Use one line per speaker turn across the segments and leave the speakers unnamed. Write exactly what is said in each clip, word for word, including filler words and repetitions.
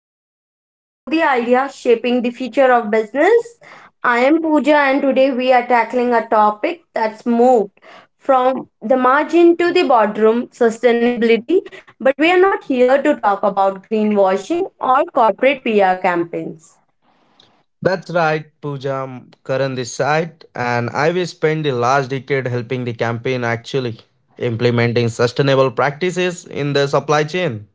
where we explore the ideas shaping the future of business. I am Pooja, and today we are tackling a topic that's moved from the margin to the boardroom sustainability. But we are not here to talk about greenwashing or corporate P R campaigns.
That's right, Pooja. M- Karan this side, and I will spend the last decade helping the campaign actually implementing sustainable practices in the supply chain.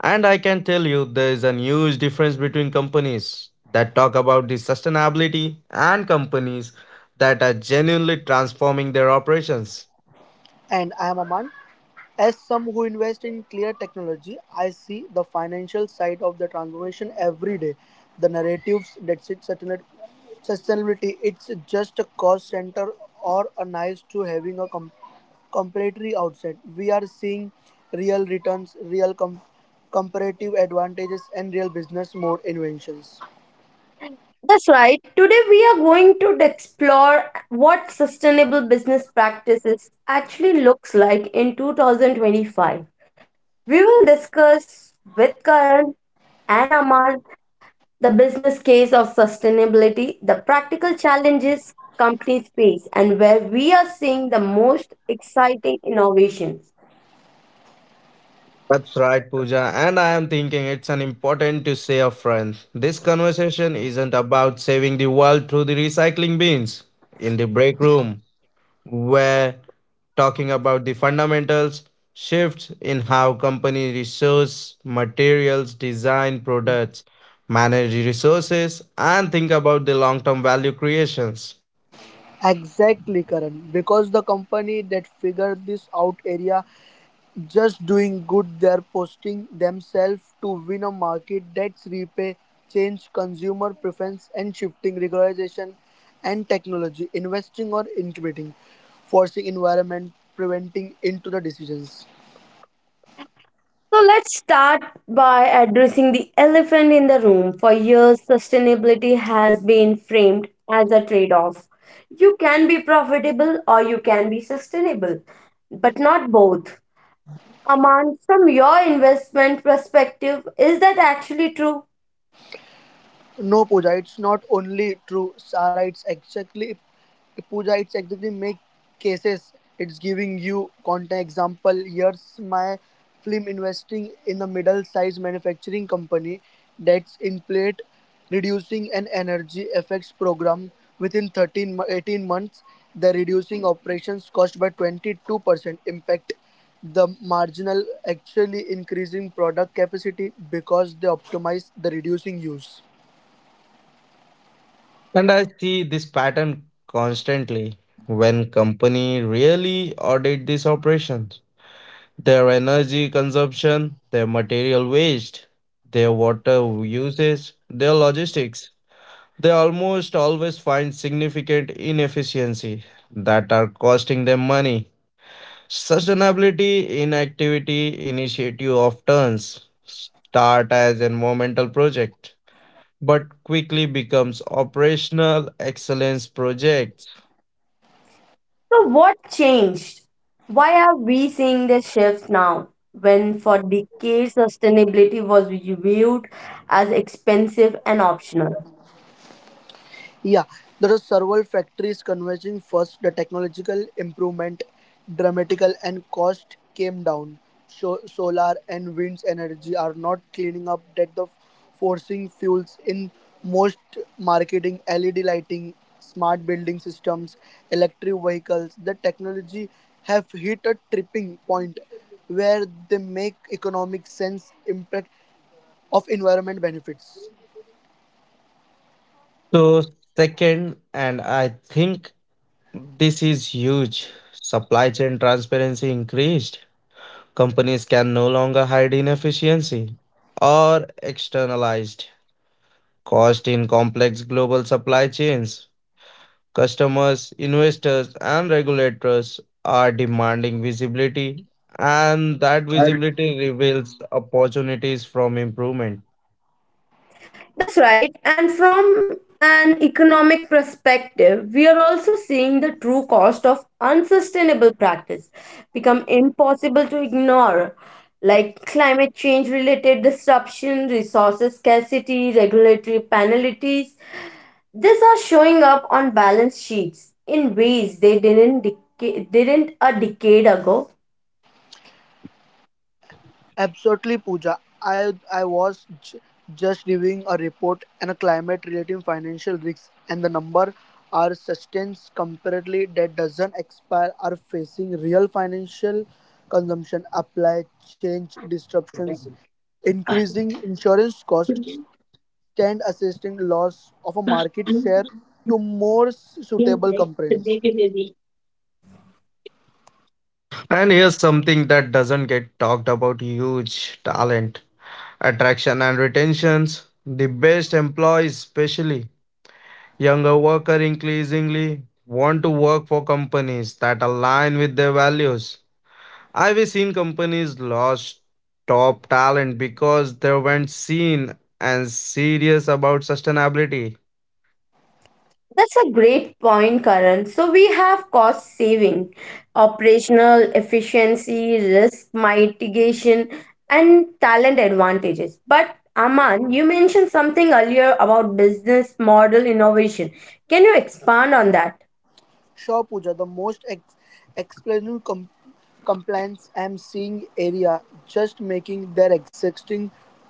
And I can tell you there is a huge difference between companies that talk about the sustainability and companies that are genuinely transforming their operations.
And I am Aman. As some who invest in clear technology, I see the financial side of the transformation every day. The narratives that sit sustainab- sustainability, it's just a cost center or a nice to having a com- completely outside. We are seeing real returns, real com- comparative advantages, and real business mode inventions.
That's right. Today we are going to explore what sustainable business practices actually looks like in two thousand twenty-five. We will discuss with Karan and Aman the business case of sustainability, the practical challenges companies face and where we are seeing the most exciting innovations.
That's right, Pooja, and I am thinking it's an important to say upfront. This conversation isn't about saving the world through the recycling bins in the break room. We're talking about the fundamentals shifts in how company resource materials, design products, manage resources, and think about the long term value creations.
Exactly, Karan. Because the company that figured this out area just doing good, they're posting themselves to win a market that's repay change consumer preference and shifting regularization and technology investing or incubating forcing environment preventing into the decisions.
So let's start by addressing the elephant in the room. For years, sustainability has been framed as a trade off. You can be profitable or you can be sustainable, but not both. Aman, from your investment perspective, is that actually true?
No, Pooja, it's not only true. Sara, it's exactly Pooja, it's exactly make cases. It's giving you content example. Here's my film investing in a middle-sized manufacturing company that's in plate reducing an energy effects program within 13 mo- eighteen months. The reducing operations cost by twenty-two percent impact the marginal actually increasing product capacity because they optimize the reducing use.
And I see this pattern constantly when company really audit these operations. Their energy consumption, their material waste, their water uses, their logistics. They almost always find significant inefficiency that are costing them money. Sustainability inactivity initiative of turns start as environmental project but quickly becomes operational excellence projects.
So, what changed? Why are we seeing this shift now when for decades sustainability was viewed as expensive and optional?
Yeah, there are several factories converging. First, the technological improvement, dramatical and cost came down. So, solar and wind energy are not cleaning up that the forcing fuels in most marketing, L E D lighting, smart building systems, electric vehicles. The technology have hit a tripping point where they make economic sense impact of environment benefits.
So second, and I think this is huge, supply chain transparency increased. Companies can no longer hide inefficiency or externalized cost in complex global supply chains. Customers, investors, and regulators are demanding visibility, and that visibility reveals opportunities from improvement.
That's right. And from an economic perspective, we are also seeing the true cost of unsustainable practice become impossible to ignore, like climate change related disruption, resources scarcity, regulatory penalties. These are showing up on balance sheets in ways they didn't dec- didn't a decade ago.
Absolutely, Pooja. I I was j- just reviewing a report on a climate related financial risks, and the number are sustains comparatively that doesn't expire are facing real financial consumption, apply change disruptions, increasing insurance costs, and assisting loss of a market share to more suitable companies.
And here's something that doesn't get talked about, huge talent, attraction, and retentions. The best employees, especially younger workers, increasingly want to work for companies that align with their values. I've seen companies lost top talent because they weren't seen and serious about sustainability.
That's a great point, Karan. So we have cost saving, operational efficiency, risk mitigation, and talent advantages. But Aman, you mentioned something earlier about business model innovation. Can you expand on that?
Sure, Pooja, the most ex- explainable com- compliance I'm seeing area just making their existing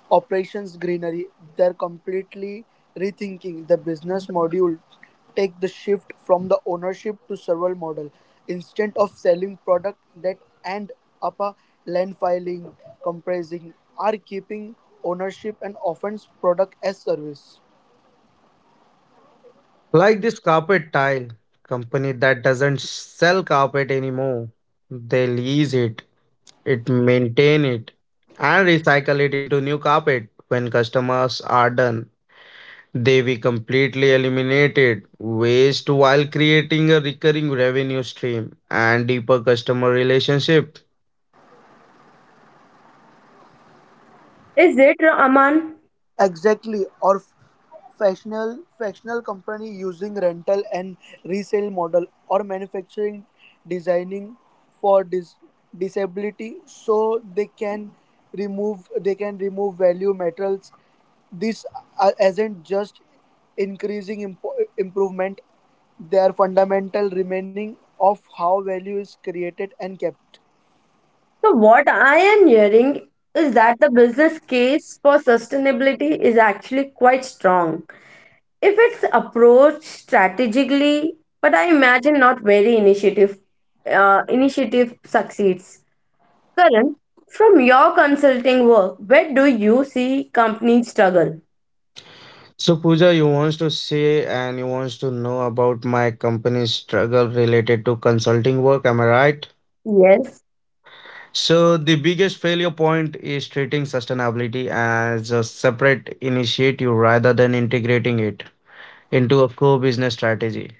operations greenery. They're completely rethinking the business module. Take the shift from the ownership to server model. Instead of selling product that end up a land filing, compressing, are keeping ownership and offense product as service.
Like this carpet tile company that doesn't sell carpet anymore. They lease it, it maintain it, and recycle it into new carpet when customers are done. They we completely eliminated waste while creating a recurring revenue stream and deeper customer relationship.
Is it Aman?
Exactly, or f- fractional fractional company using rental and resale model, or manufacturing designing for dis- disability, so they can remove they can remove value materials. This uh, isn't just increasing impo- improvement; they are fundamental remaining of how value is created and kept.
So what I am hearing is that the business case for sustainability is actually quite strong. If it's approached strategically, but I imagine not very initiative, uh, initiative succeeds. Karan, from your consulting work, where do you see companies struggle?
So Pooja, you wants to say and you wants to know about my company's struggle related to consulting work, am I right?
Yes.
So the biggest failure point is treating sustainability as a separate initiative rather than integrating it into a core business strategy.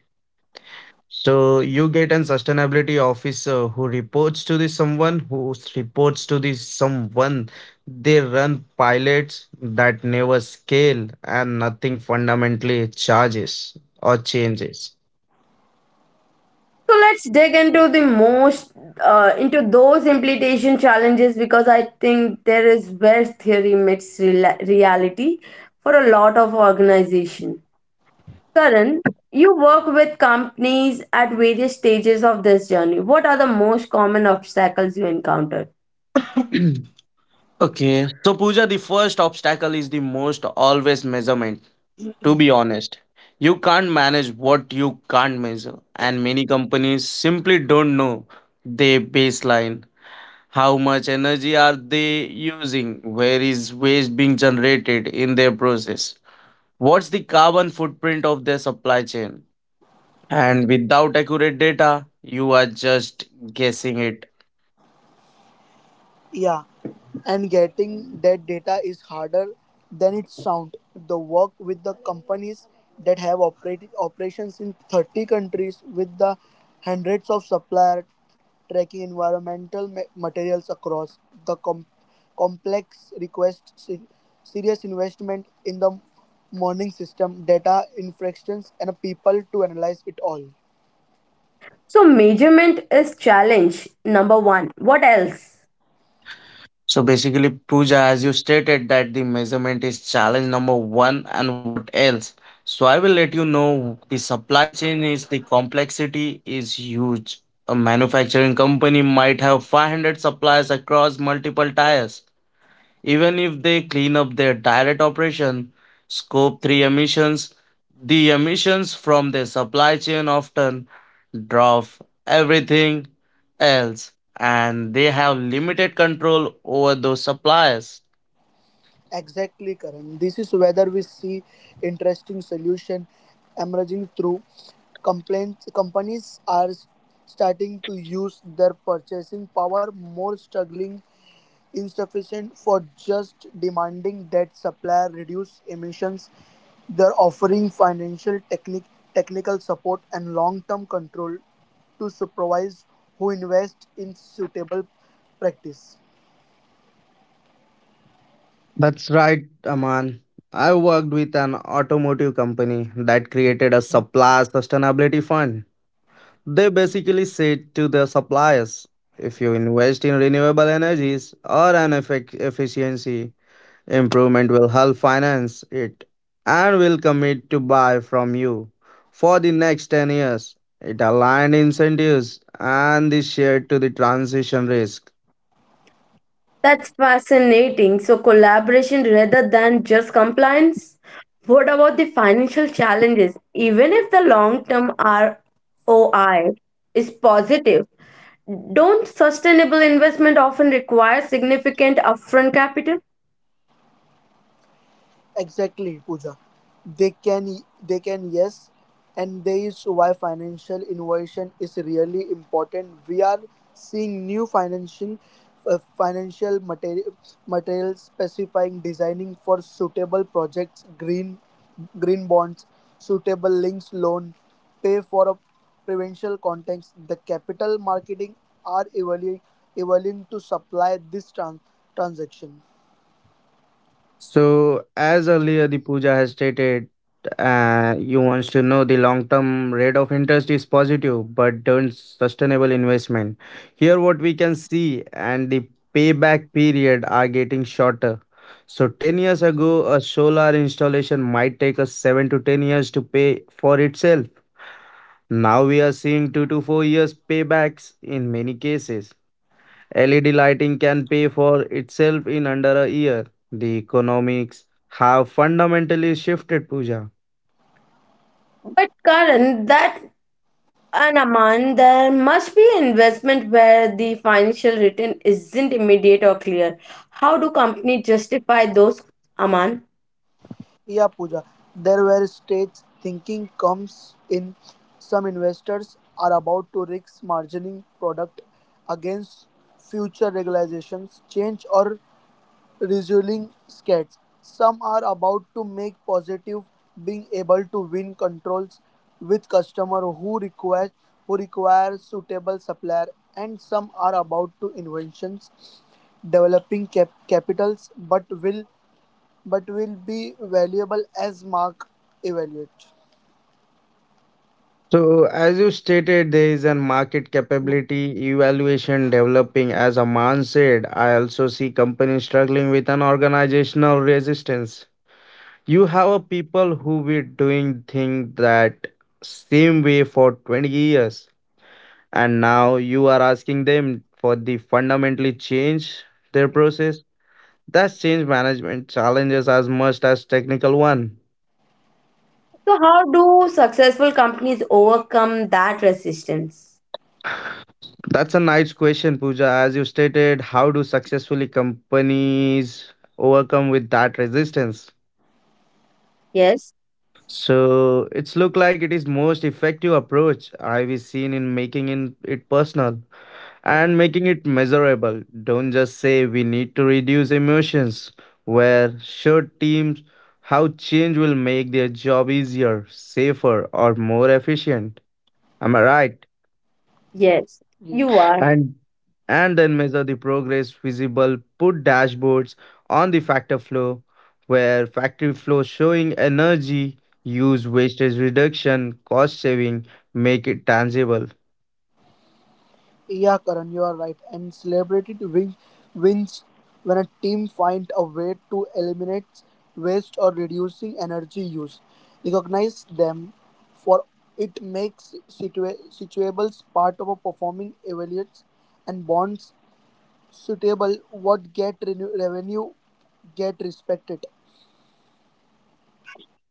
So you get an sustainability officer who reports to the someone who s- reports to the someone. They run pilots that never scale and nothing fundamentally charges or changes.
So let's dig into the most uh, into those implementation challenges because I think there is where theory meets real reality for a lot of organization. Karan, you work with companies at various stages of this journey. What are the most common obstacles you encounter?
Okay. So Pooja, the first obstacle is the most always measurement, to be honest. You can't manage what you can't measure, and many companies simply don't know their baseline. How much energy are they using? Where is waste being generated in their process? What's the carbon footprint of their supply chain? And without accurate data, you are just guessing it.
Yeah, and getting that data is harder than it sounds. The work with the companies that have operated operations in thirty countries with the hundreds of suppliers tracking environmental ma- materials across the com- complex requests se- serious investment in the morning system data infractions and people to analyze it all.
So measurement is challenge number one. What else?
So basically, Pooja, as you stated, that the measurement is challenge number one, and what else? So I will let you know the supply chain is the complexity is huge. A manufacturing company might have five hundred suppliers across multiple tires. Even if they clean up their direct operation, scope three emissions, the emissions from their supply chain often drop everything else, and they have limited control over those suppliers.
Exactly, Karan. This is whether we see interesting solution emerging through complaints. Companies are starting to use their purchasing power more, struggling insufficient for just demanding that supplier reduce emissions. They're offering financial technic- technical support and long-term control to supervise who invest in suitable practice.
That's right, Aman. I worked with an automotive company that created a supplier sustainability fund. They basically said to their suppliers, if you invest in renewable energies or an effic- efficiency improvement, will help finance it and will commit to buy from you for the next ten years. It aligned incentives and the share to the transition risk.
That's fascinating. So collaboration rather than just compliance. What about the financial challenges? Even if the long term R O I is positive, don't sustainable investment often require significant upfront capital?
Exactly, Pooja. They can, they can, yes, and there is why financial innovation is really important. We are seeing new financial, uh, financial material, materials specifying designing for suitable projects, green, green bonds, suitable links loan, pay for a provincial context. The capital marketing are evaluating, evaluating to supply this trans, transaction.
So, as earlier the Pooja has stated, uh, you wants to know the long-term rate of interest is positive, but don't sustainable investment. Here, what we can see and the payback period are getting shorter. So, ten years ago, a solar installation might take us seven to ten years to pay for itself. Now we are seeing two to four years paybacks in many cases. L E D lighting can pay for itself in under a year. The economics have fundamentally shifted, Pooja.
But Karan, that. And Aman, there must be investment where the financial return isn't immediate or clear. How do companies justify those, Aman?
Yeah, Pooja. There were states thinking comes in. Some investors are about to risk margining product against future regulations, change or resulting scares. Some are about to make positive being able to win controls with customer who require who require suitable supplier, and some are about to inventions developing cap- capitals but will but will be valuable as Mark evaluate.
So, as you stated, there is a market capability evaluation developing. As Aman said, I also see companies struggling with an organizational resistance. You have a people who were doing things that same way for twenty years, and now you are asking them for the fundamentally change their process. That change management challenges as much as technical one?
So, how do successful companies overcome that resistance?
That's a nice question, Pooja. As you stated, how do successfully companies overcome with that resistance?
Yes,
So it's look like it is most effective approach I've seen in making in it personal
Yeah.
and making it measurable. Don't just say we need to reduce emissions, where show teams how change will make their job easier, safer, or more efficient. Am I right?
yes,
Yeah,
you are.
And and then measure the progress visible, put dashboards on the factor flow where factory flow showing energy use, wastage reduction, cost saving, make it tangible.
yeah, Karan, you are right. And celebrity win- wins when a team finds a way to eliminate waste or reducing energy use. Recognize them for it makes situa- situables part of a performing evaluates and bonds suitable what get renew- revenue get respected.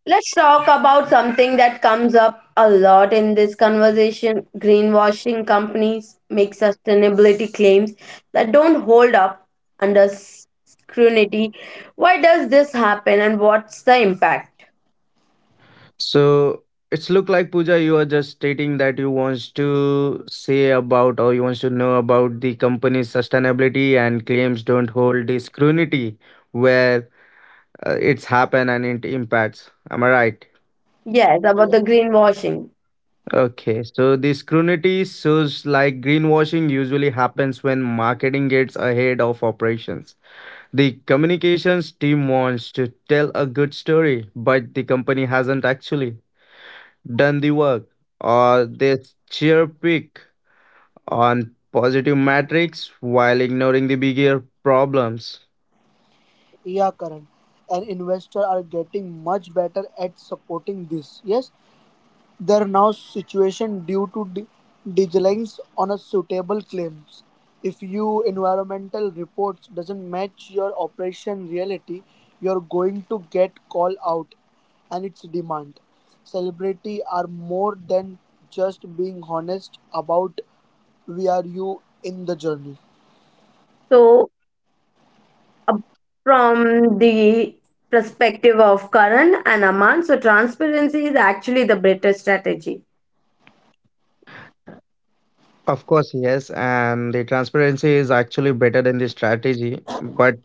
Let's talk about something that comes up a lot in this conversation. Greenwashing companies make sustainability claims that don't hold up under s- scrutiny. Why does this happen and what's the impact?
So it's look like Pooja, you are just stating that you wants to say about or you wants to know about the company's sustainability and claims don't hold the scrutiny where uh, it's happen and it impacts. Am I right?
Yes, about the greenwashing.
Okay, so this scrutiny shows like greenwashing usually happens when marketing gets ahead of operations. The communications team wants to tell a good story, but the company hasn't actually done the work, or they cheer pick on positive metrics while ignoring the bigger problems.
Yeah, Karan. And investors are getting much better at supporting this. Yes, there are now situation due to de- deadlines on a suitable claims. If you environmental reports doesn't match your operation reality, you're going to get called out and its demand. Celebrity are more than just being honest about where you in the journey.
So, uh, from the perspective of Karan and Aman, so transparency is actually the better strategy.
Of course, yes, and the transparency is actually better than the strategy, but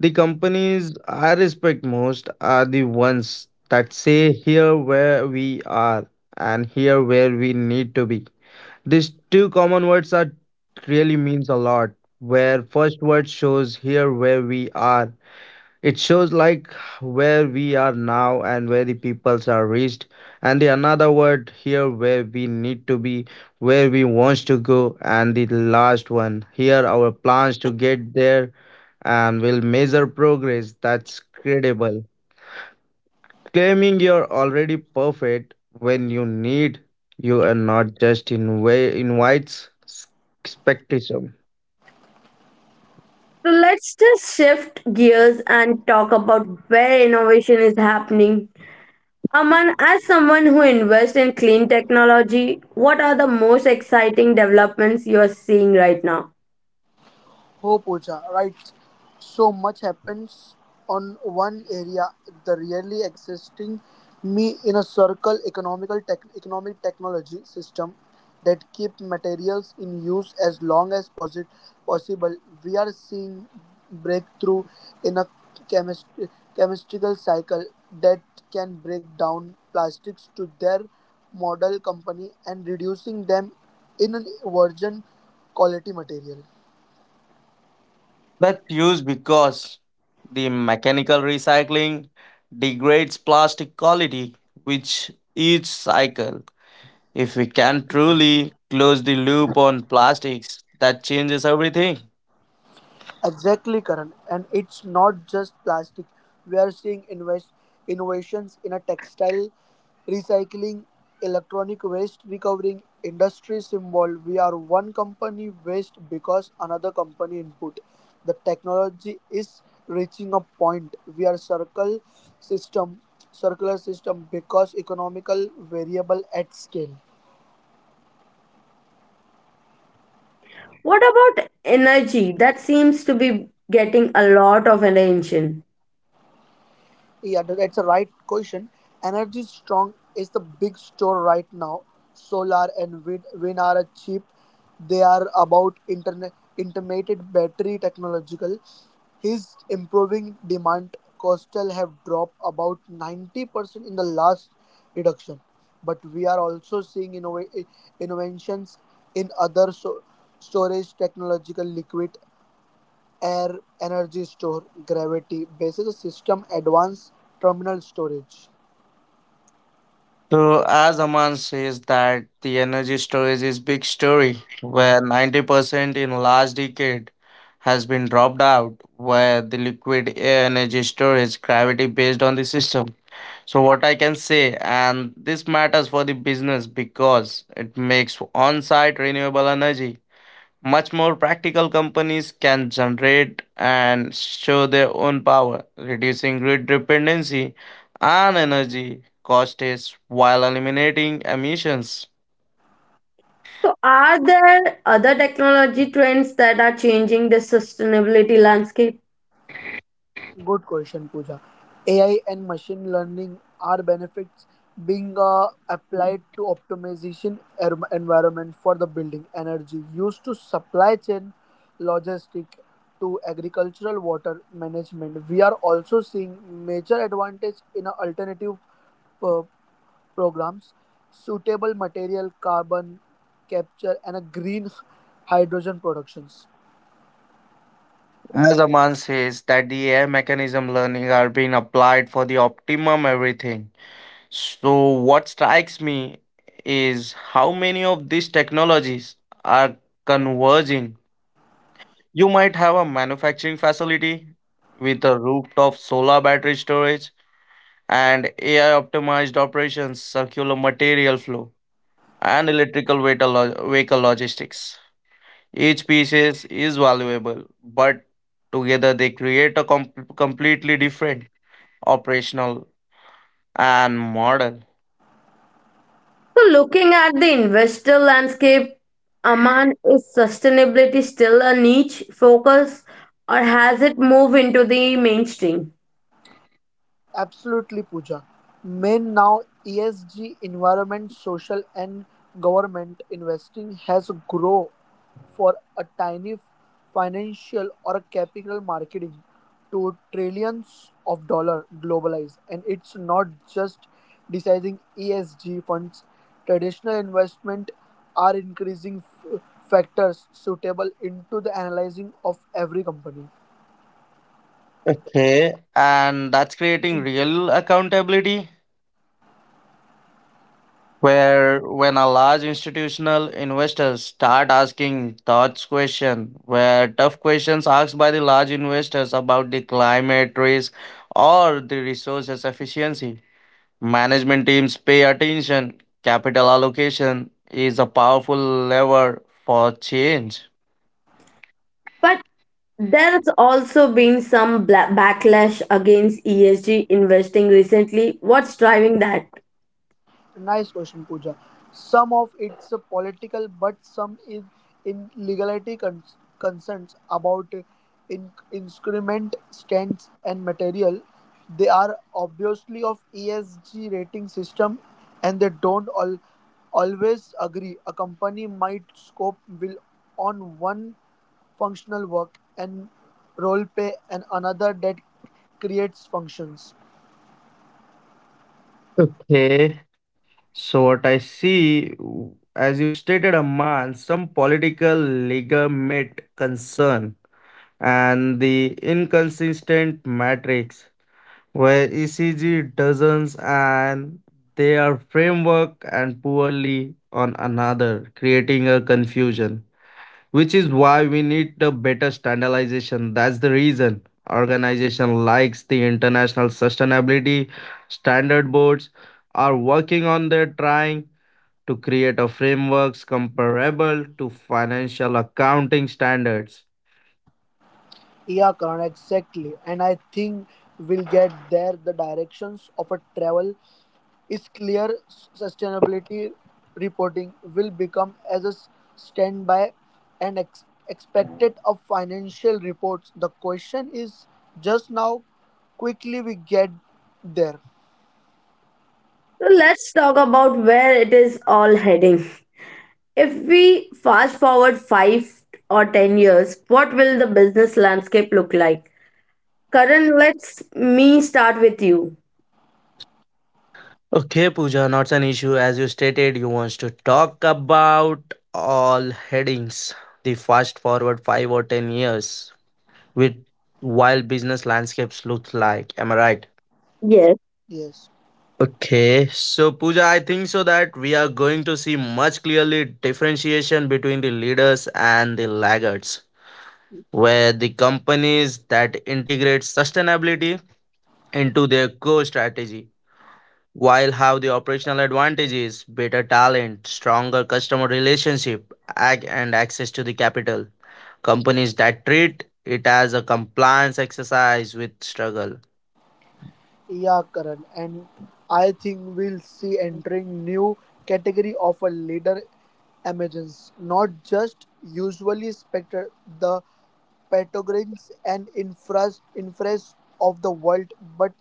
the companies I respect most are the ones that say here where we are and here where we need to be. These two common words are really means a lot. Where first word shows here where we are, it shows like where we are now and where the peoples are reached, and the another word here where we need to be, where we wants to go, and the last one here our plans to get there, and will measure progress. That's credible. Claiming you're already perfect when you need you are not just in way invites s- skepticism.
So let's just shift gears and talk about where innovation is happening. Aman, as someone who invests in clean technology, what are the most exciting developments you are seeing right now?
Oh, Pooja, right. So much happens on one area. The really existing me in a circle economical tech, economic technology system that keep materials in use as long as posi- possible. We are seeing breakthrough in a chemist- chemistical cycle that can break down plastics to their model company and reducing them in a virgin quality material.
That's used because the mechanical recycling degrades plastic quality which each cycle. If we can truly close the loop on plastics, that changes everything.
Exactly, Karan. And it's not just plastic. We are seeing invest innovations in a textile recycling, electronic waste recovering industry. Symbol: we are one company waste because another company input. The technology is reaching a point. We are circle system, circular system because economical variable at scale.
What about energy? That seems to be getting a lot of attention.
Yeah, tha- that's a right question. Energy Strong is the big store right now. Solar and wind, wind are a cheap. They are about internet intermittent battery technological. His improving demand coastal have dropped about ninety percent in the last reduction. But we are also seeing innova- innovations in other so- storage technological liquid Air Energy Store Gravity bases a system advanced terminal storage.
So as Aman says that the energy storage is big story where ninety percent in last decade has been dropped out where the liquid air energy storage gravity based on the system. So, what I can say, and this matters for the business because it makes on site renewable energy much more practical. Companies can generate and show their own power, reducing grid dependency and energy costs while eliminating emissions.
So, are there other technology trends that are changing the sustainability landscape?
Good question, Pooja. A I and machine learning are benefits being uh, applied to optimization er- environment for the building energy used to supply chain logistic to agricultural water management. We are also seeing major advantage in a alternative uh, programs, suitable material, carbon capture, and a green hydrogen productions.
As Aman says, that the A I mechanism learning are being applied for the optimum everything. So, what strikes me is how many of these technologies are converging. You might have a manufacturing facility with a rooftop solar battery storage and A I optimized operations, circular material flow, and electrical vehicle lo- vehicle logistics. Each piece is, is valuable, but together they create a com- completely different operational and model.
So, looking at the investor landscape, Aman, is sustainability still a niche focus or has it moved into the mainstream?
Absolutely, Pooja. Main now E S G, environment, social, and government investing has grown for a tiny financial or capital marketing to trillions of dollar globalized, and it's not just deciding E S G funds. Traditional investment are increasing f- factors suitable into the analyzing of every company.
Okay, and that's creating real accountability where when a large institutional investors start asking thoughts question, where tough questions asked by the large investors about the climate risk or the resources efficiency, management teams pay attention. Capital allocation is a powerful lever for change.
But there's also been some bla- backlash against E S G investing recently. What's driving that?
Nice question, Pooja. Some of it's uh, political, but some is in legality cons- concerns about uh, in- instrument stands and material. They are obviously of E S G rating system, and they don't all always agree. A company might scope will on one functional work and role play and another that creates functions.
Okay. So what I see, w- as you stated, Amman, some political legitimate concern and the inconsistent matrix where E C G doesn't and they are framework and poorly on another, creating a confusion. Which is why we need a better standardization. That's the reason organization likes the international sustainability standard boards are working on their trying to create a frameworks comparable to financial accounting standards.
Yeah, Karan, exactly. And I think we'll get there. The directions of a travel is clear. S- Sustainability reporting will become as a s- standby and ex- expected of financial reports. The question is just now quickly we get there.
So, let's talk about where it is all heading. If we fast forward five or ten years, what will the business landscape look like? Karan, let's me start with you.
Okay, Pooja, not an issue. As you stated, you want to talk about all headings, the fast forward five or ten years, with wild business landscapes look like. Am I right?
Yes.
Okay, so Pooja, I think so that we are going to see much clearly differentiation between the leaders and the laggards, where the companies that integrate sustainability into their core strategy. While have the operational advantages, better talent, stronger customer relationship, ag- and access to the capital. Companies that treat it as a compliance exercise with struggle.
Yeah, Karan, and I think we'll see entering new category of a leader emergence, not just usually spectre the petrogrins and infras infras of the world, but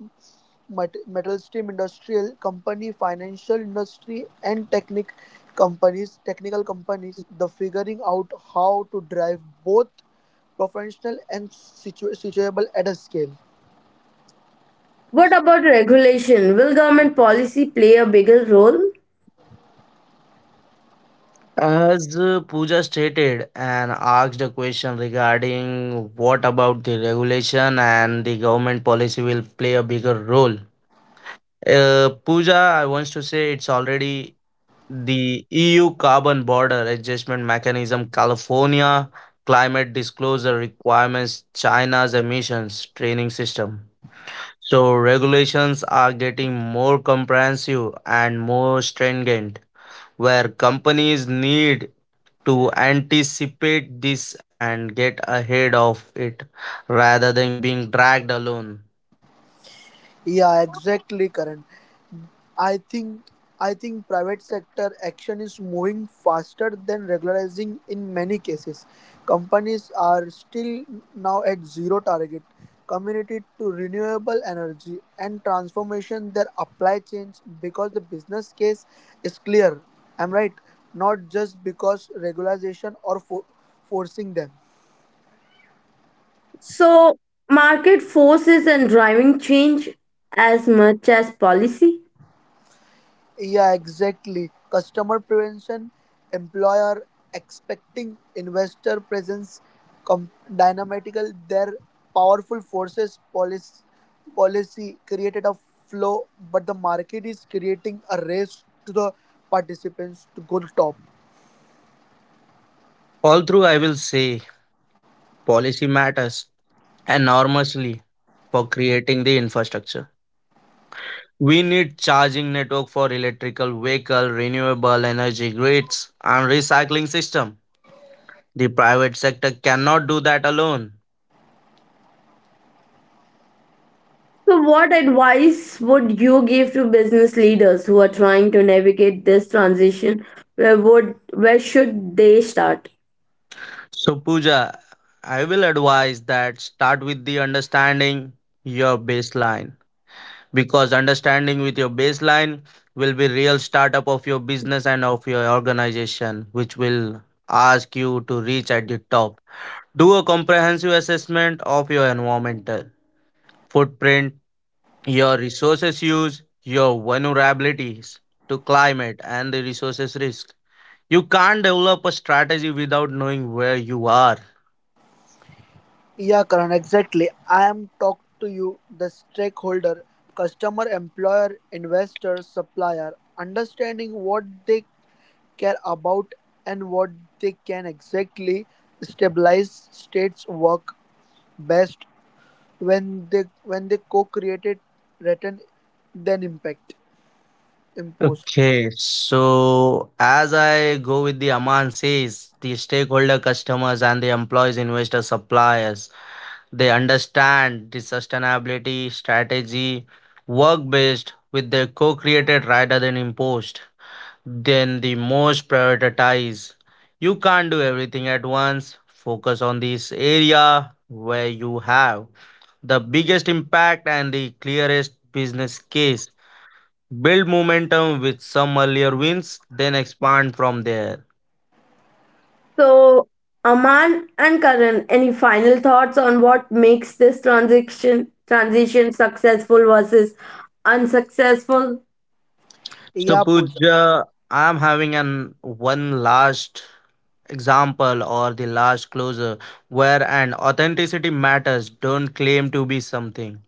mat- metal stream industrial company, financial industry, and technic companies, technical companies. The figuring out how to drive both professional and situ- situable at a scale.
What about regulation? Will government policy play a bigger role?
As uh, Pooja stated and asked a question regarding what about the regulation and the government policy will play a bigger role. Uh, Pooja, I want to say it's already the E U Carbon Border Adjustment Mechanism, California Climate Disclosure Requirements, China's Emissions Training System. So, regulations are getting more comprehensive and more stringent, where companies need to anticipate this and get ahead of it rather than being dragged alone.
Yeah, exactly, Karan. I think I think private sector action is moving faster than regularizing in many cases. Companies are still now at zero target committed to renewable energy and transformation their apply chains because the business case is clear. I'm right, not just because regularization or for- forcing them.
So, market forces and driving change as much as policy.
Yeah, exactly. Customer prevention, employer expecting investor presence, com- dynamical, their powerful forces policy, policy created a flow, but the market is creating a race to the participants to go to top.
All through, I will say policy matters enormously for creating the infrastructure. We need charging network for electrical vehicle, renewable energy grids, and recycling system. The private sector cannot do that alone.
So, what advice would you give to business leaders who are trying to navigate this transition? Where would where should they start?
So Pooja, I will advise that start with the understanding your baseline, because understanding with your baseline will be real startup of your business and of your organization which will ask you to reach at the top. Do a comprehensive assessment of your environmental footprint, your resources use, your vulnerabilities to climate and the resources risk. You can't develop a strategy without knowing where you are.
Yeah, Karan, exactly. I am talk to you, the stakeholder, customer, employer, investor, supplier, understanding what they care about and what they can exactly stabilize states work best when they when they co-created written then impact imposed.
Okay, so as I go with the Aman says, the stakeholder customers and the employees, investors, suppliers, they understand the sustainability strategy, work based with their co created rather than imposed. Then the most prioritize. You can't do everything at once. Focus on this area where you have the biggest impact and the clearest business case. Build momentum with some earlier wins, then expand from there.
So, Aman and Karan, any final thoughts on what makes this transition transition successful versus unsuccessful?
So,
Yeah, Pooja.
Pooja, I'm having an one last example or the last closer where an authenticity matters. Don't claim to be something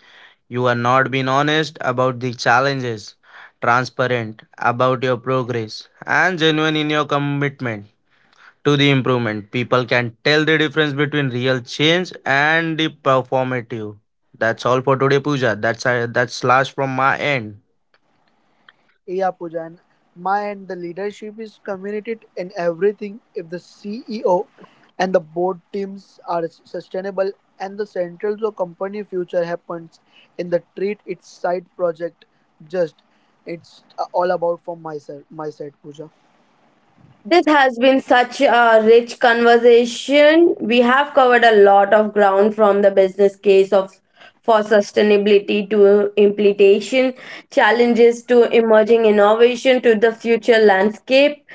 you are not. Being honest about the challenges, transparent about your progress, and genuine in your commitment to the improvement. People can tell the difference between real change and the performative. That's all for today, Pooja. That's uh, that's last from my end.
Yeah, Pooja, and my end, the leadership is communicated in everything. If the C E O and the board teams are s- sustainable and the central to a company future happens in the treat its side project just it's uh, all about from my side my side, Pooja.
This has been such a rich conversation. We have covered a lot of ground from the business case of for sustainability to implementation, challenges to emerging innovation to the future landscape.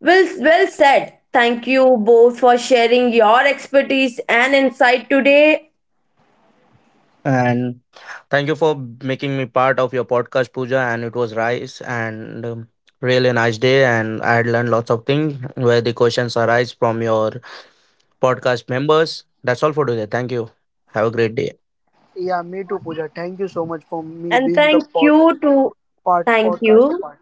Well, well said. Thank you both for sharing your expertise and insight today.
And thank you for making me part of your podcast, Pooja. And it was nice and um, really nice day. And I had learned lots of things where the questions arise from your podcast members. That's all for today. Thank you. Have a great day.
Yeah, me too, Pooja. Thank you so much for me
And
being the
thank
pod,
you to
part
thank
podcast a
you.
part.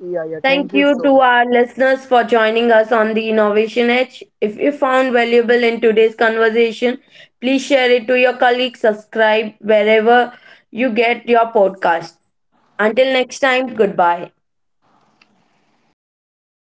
Yeah, yeah,
Thank
thank you
you
so
to
much.
our listeners for joining us on the Innovation Edge. If you found valuable in today's conversation, please share it to your colleagues, subscribe wherever you get your podcast. Until next time, goodbye.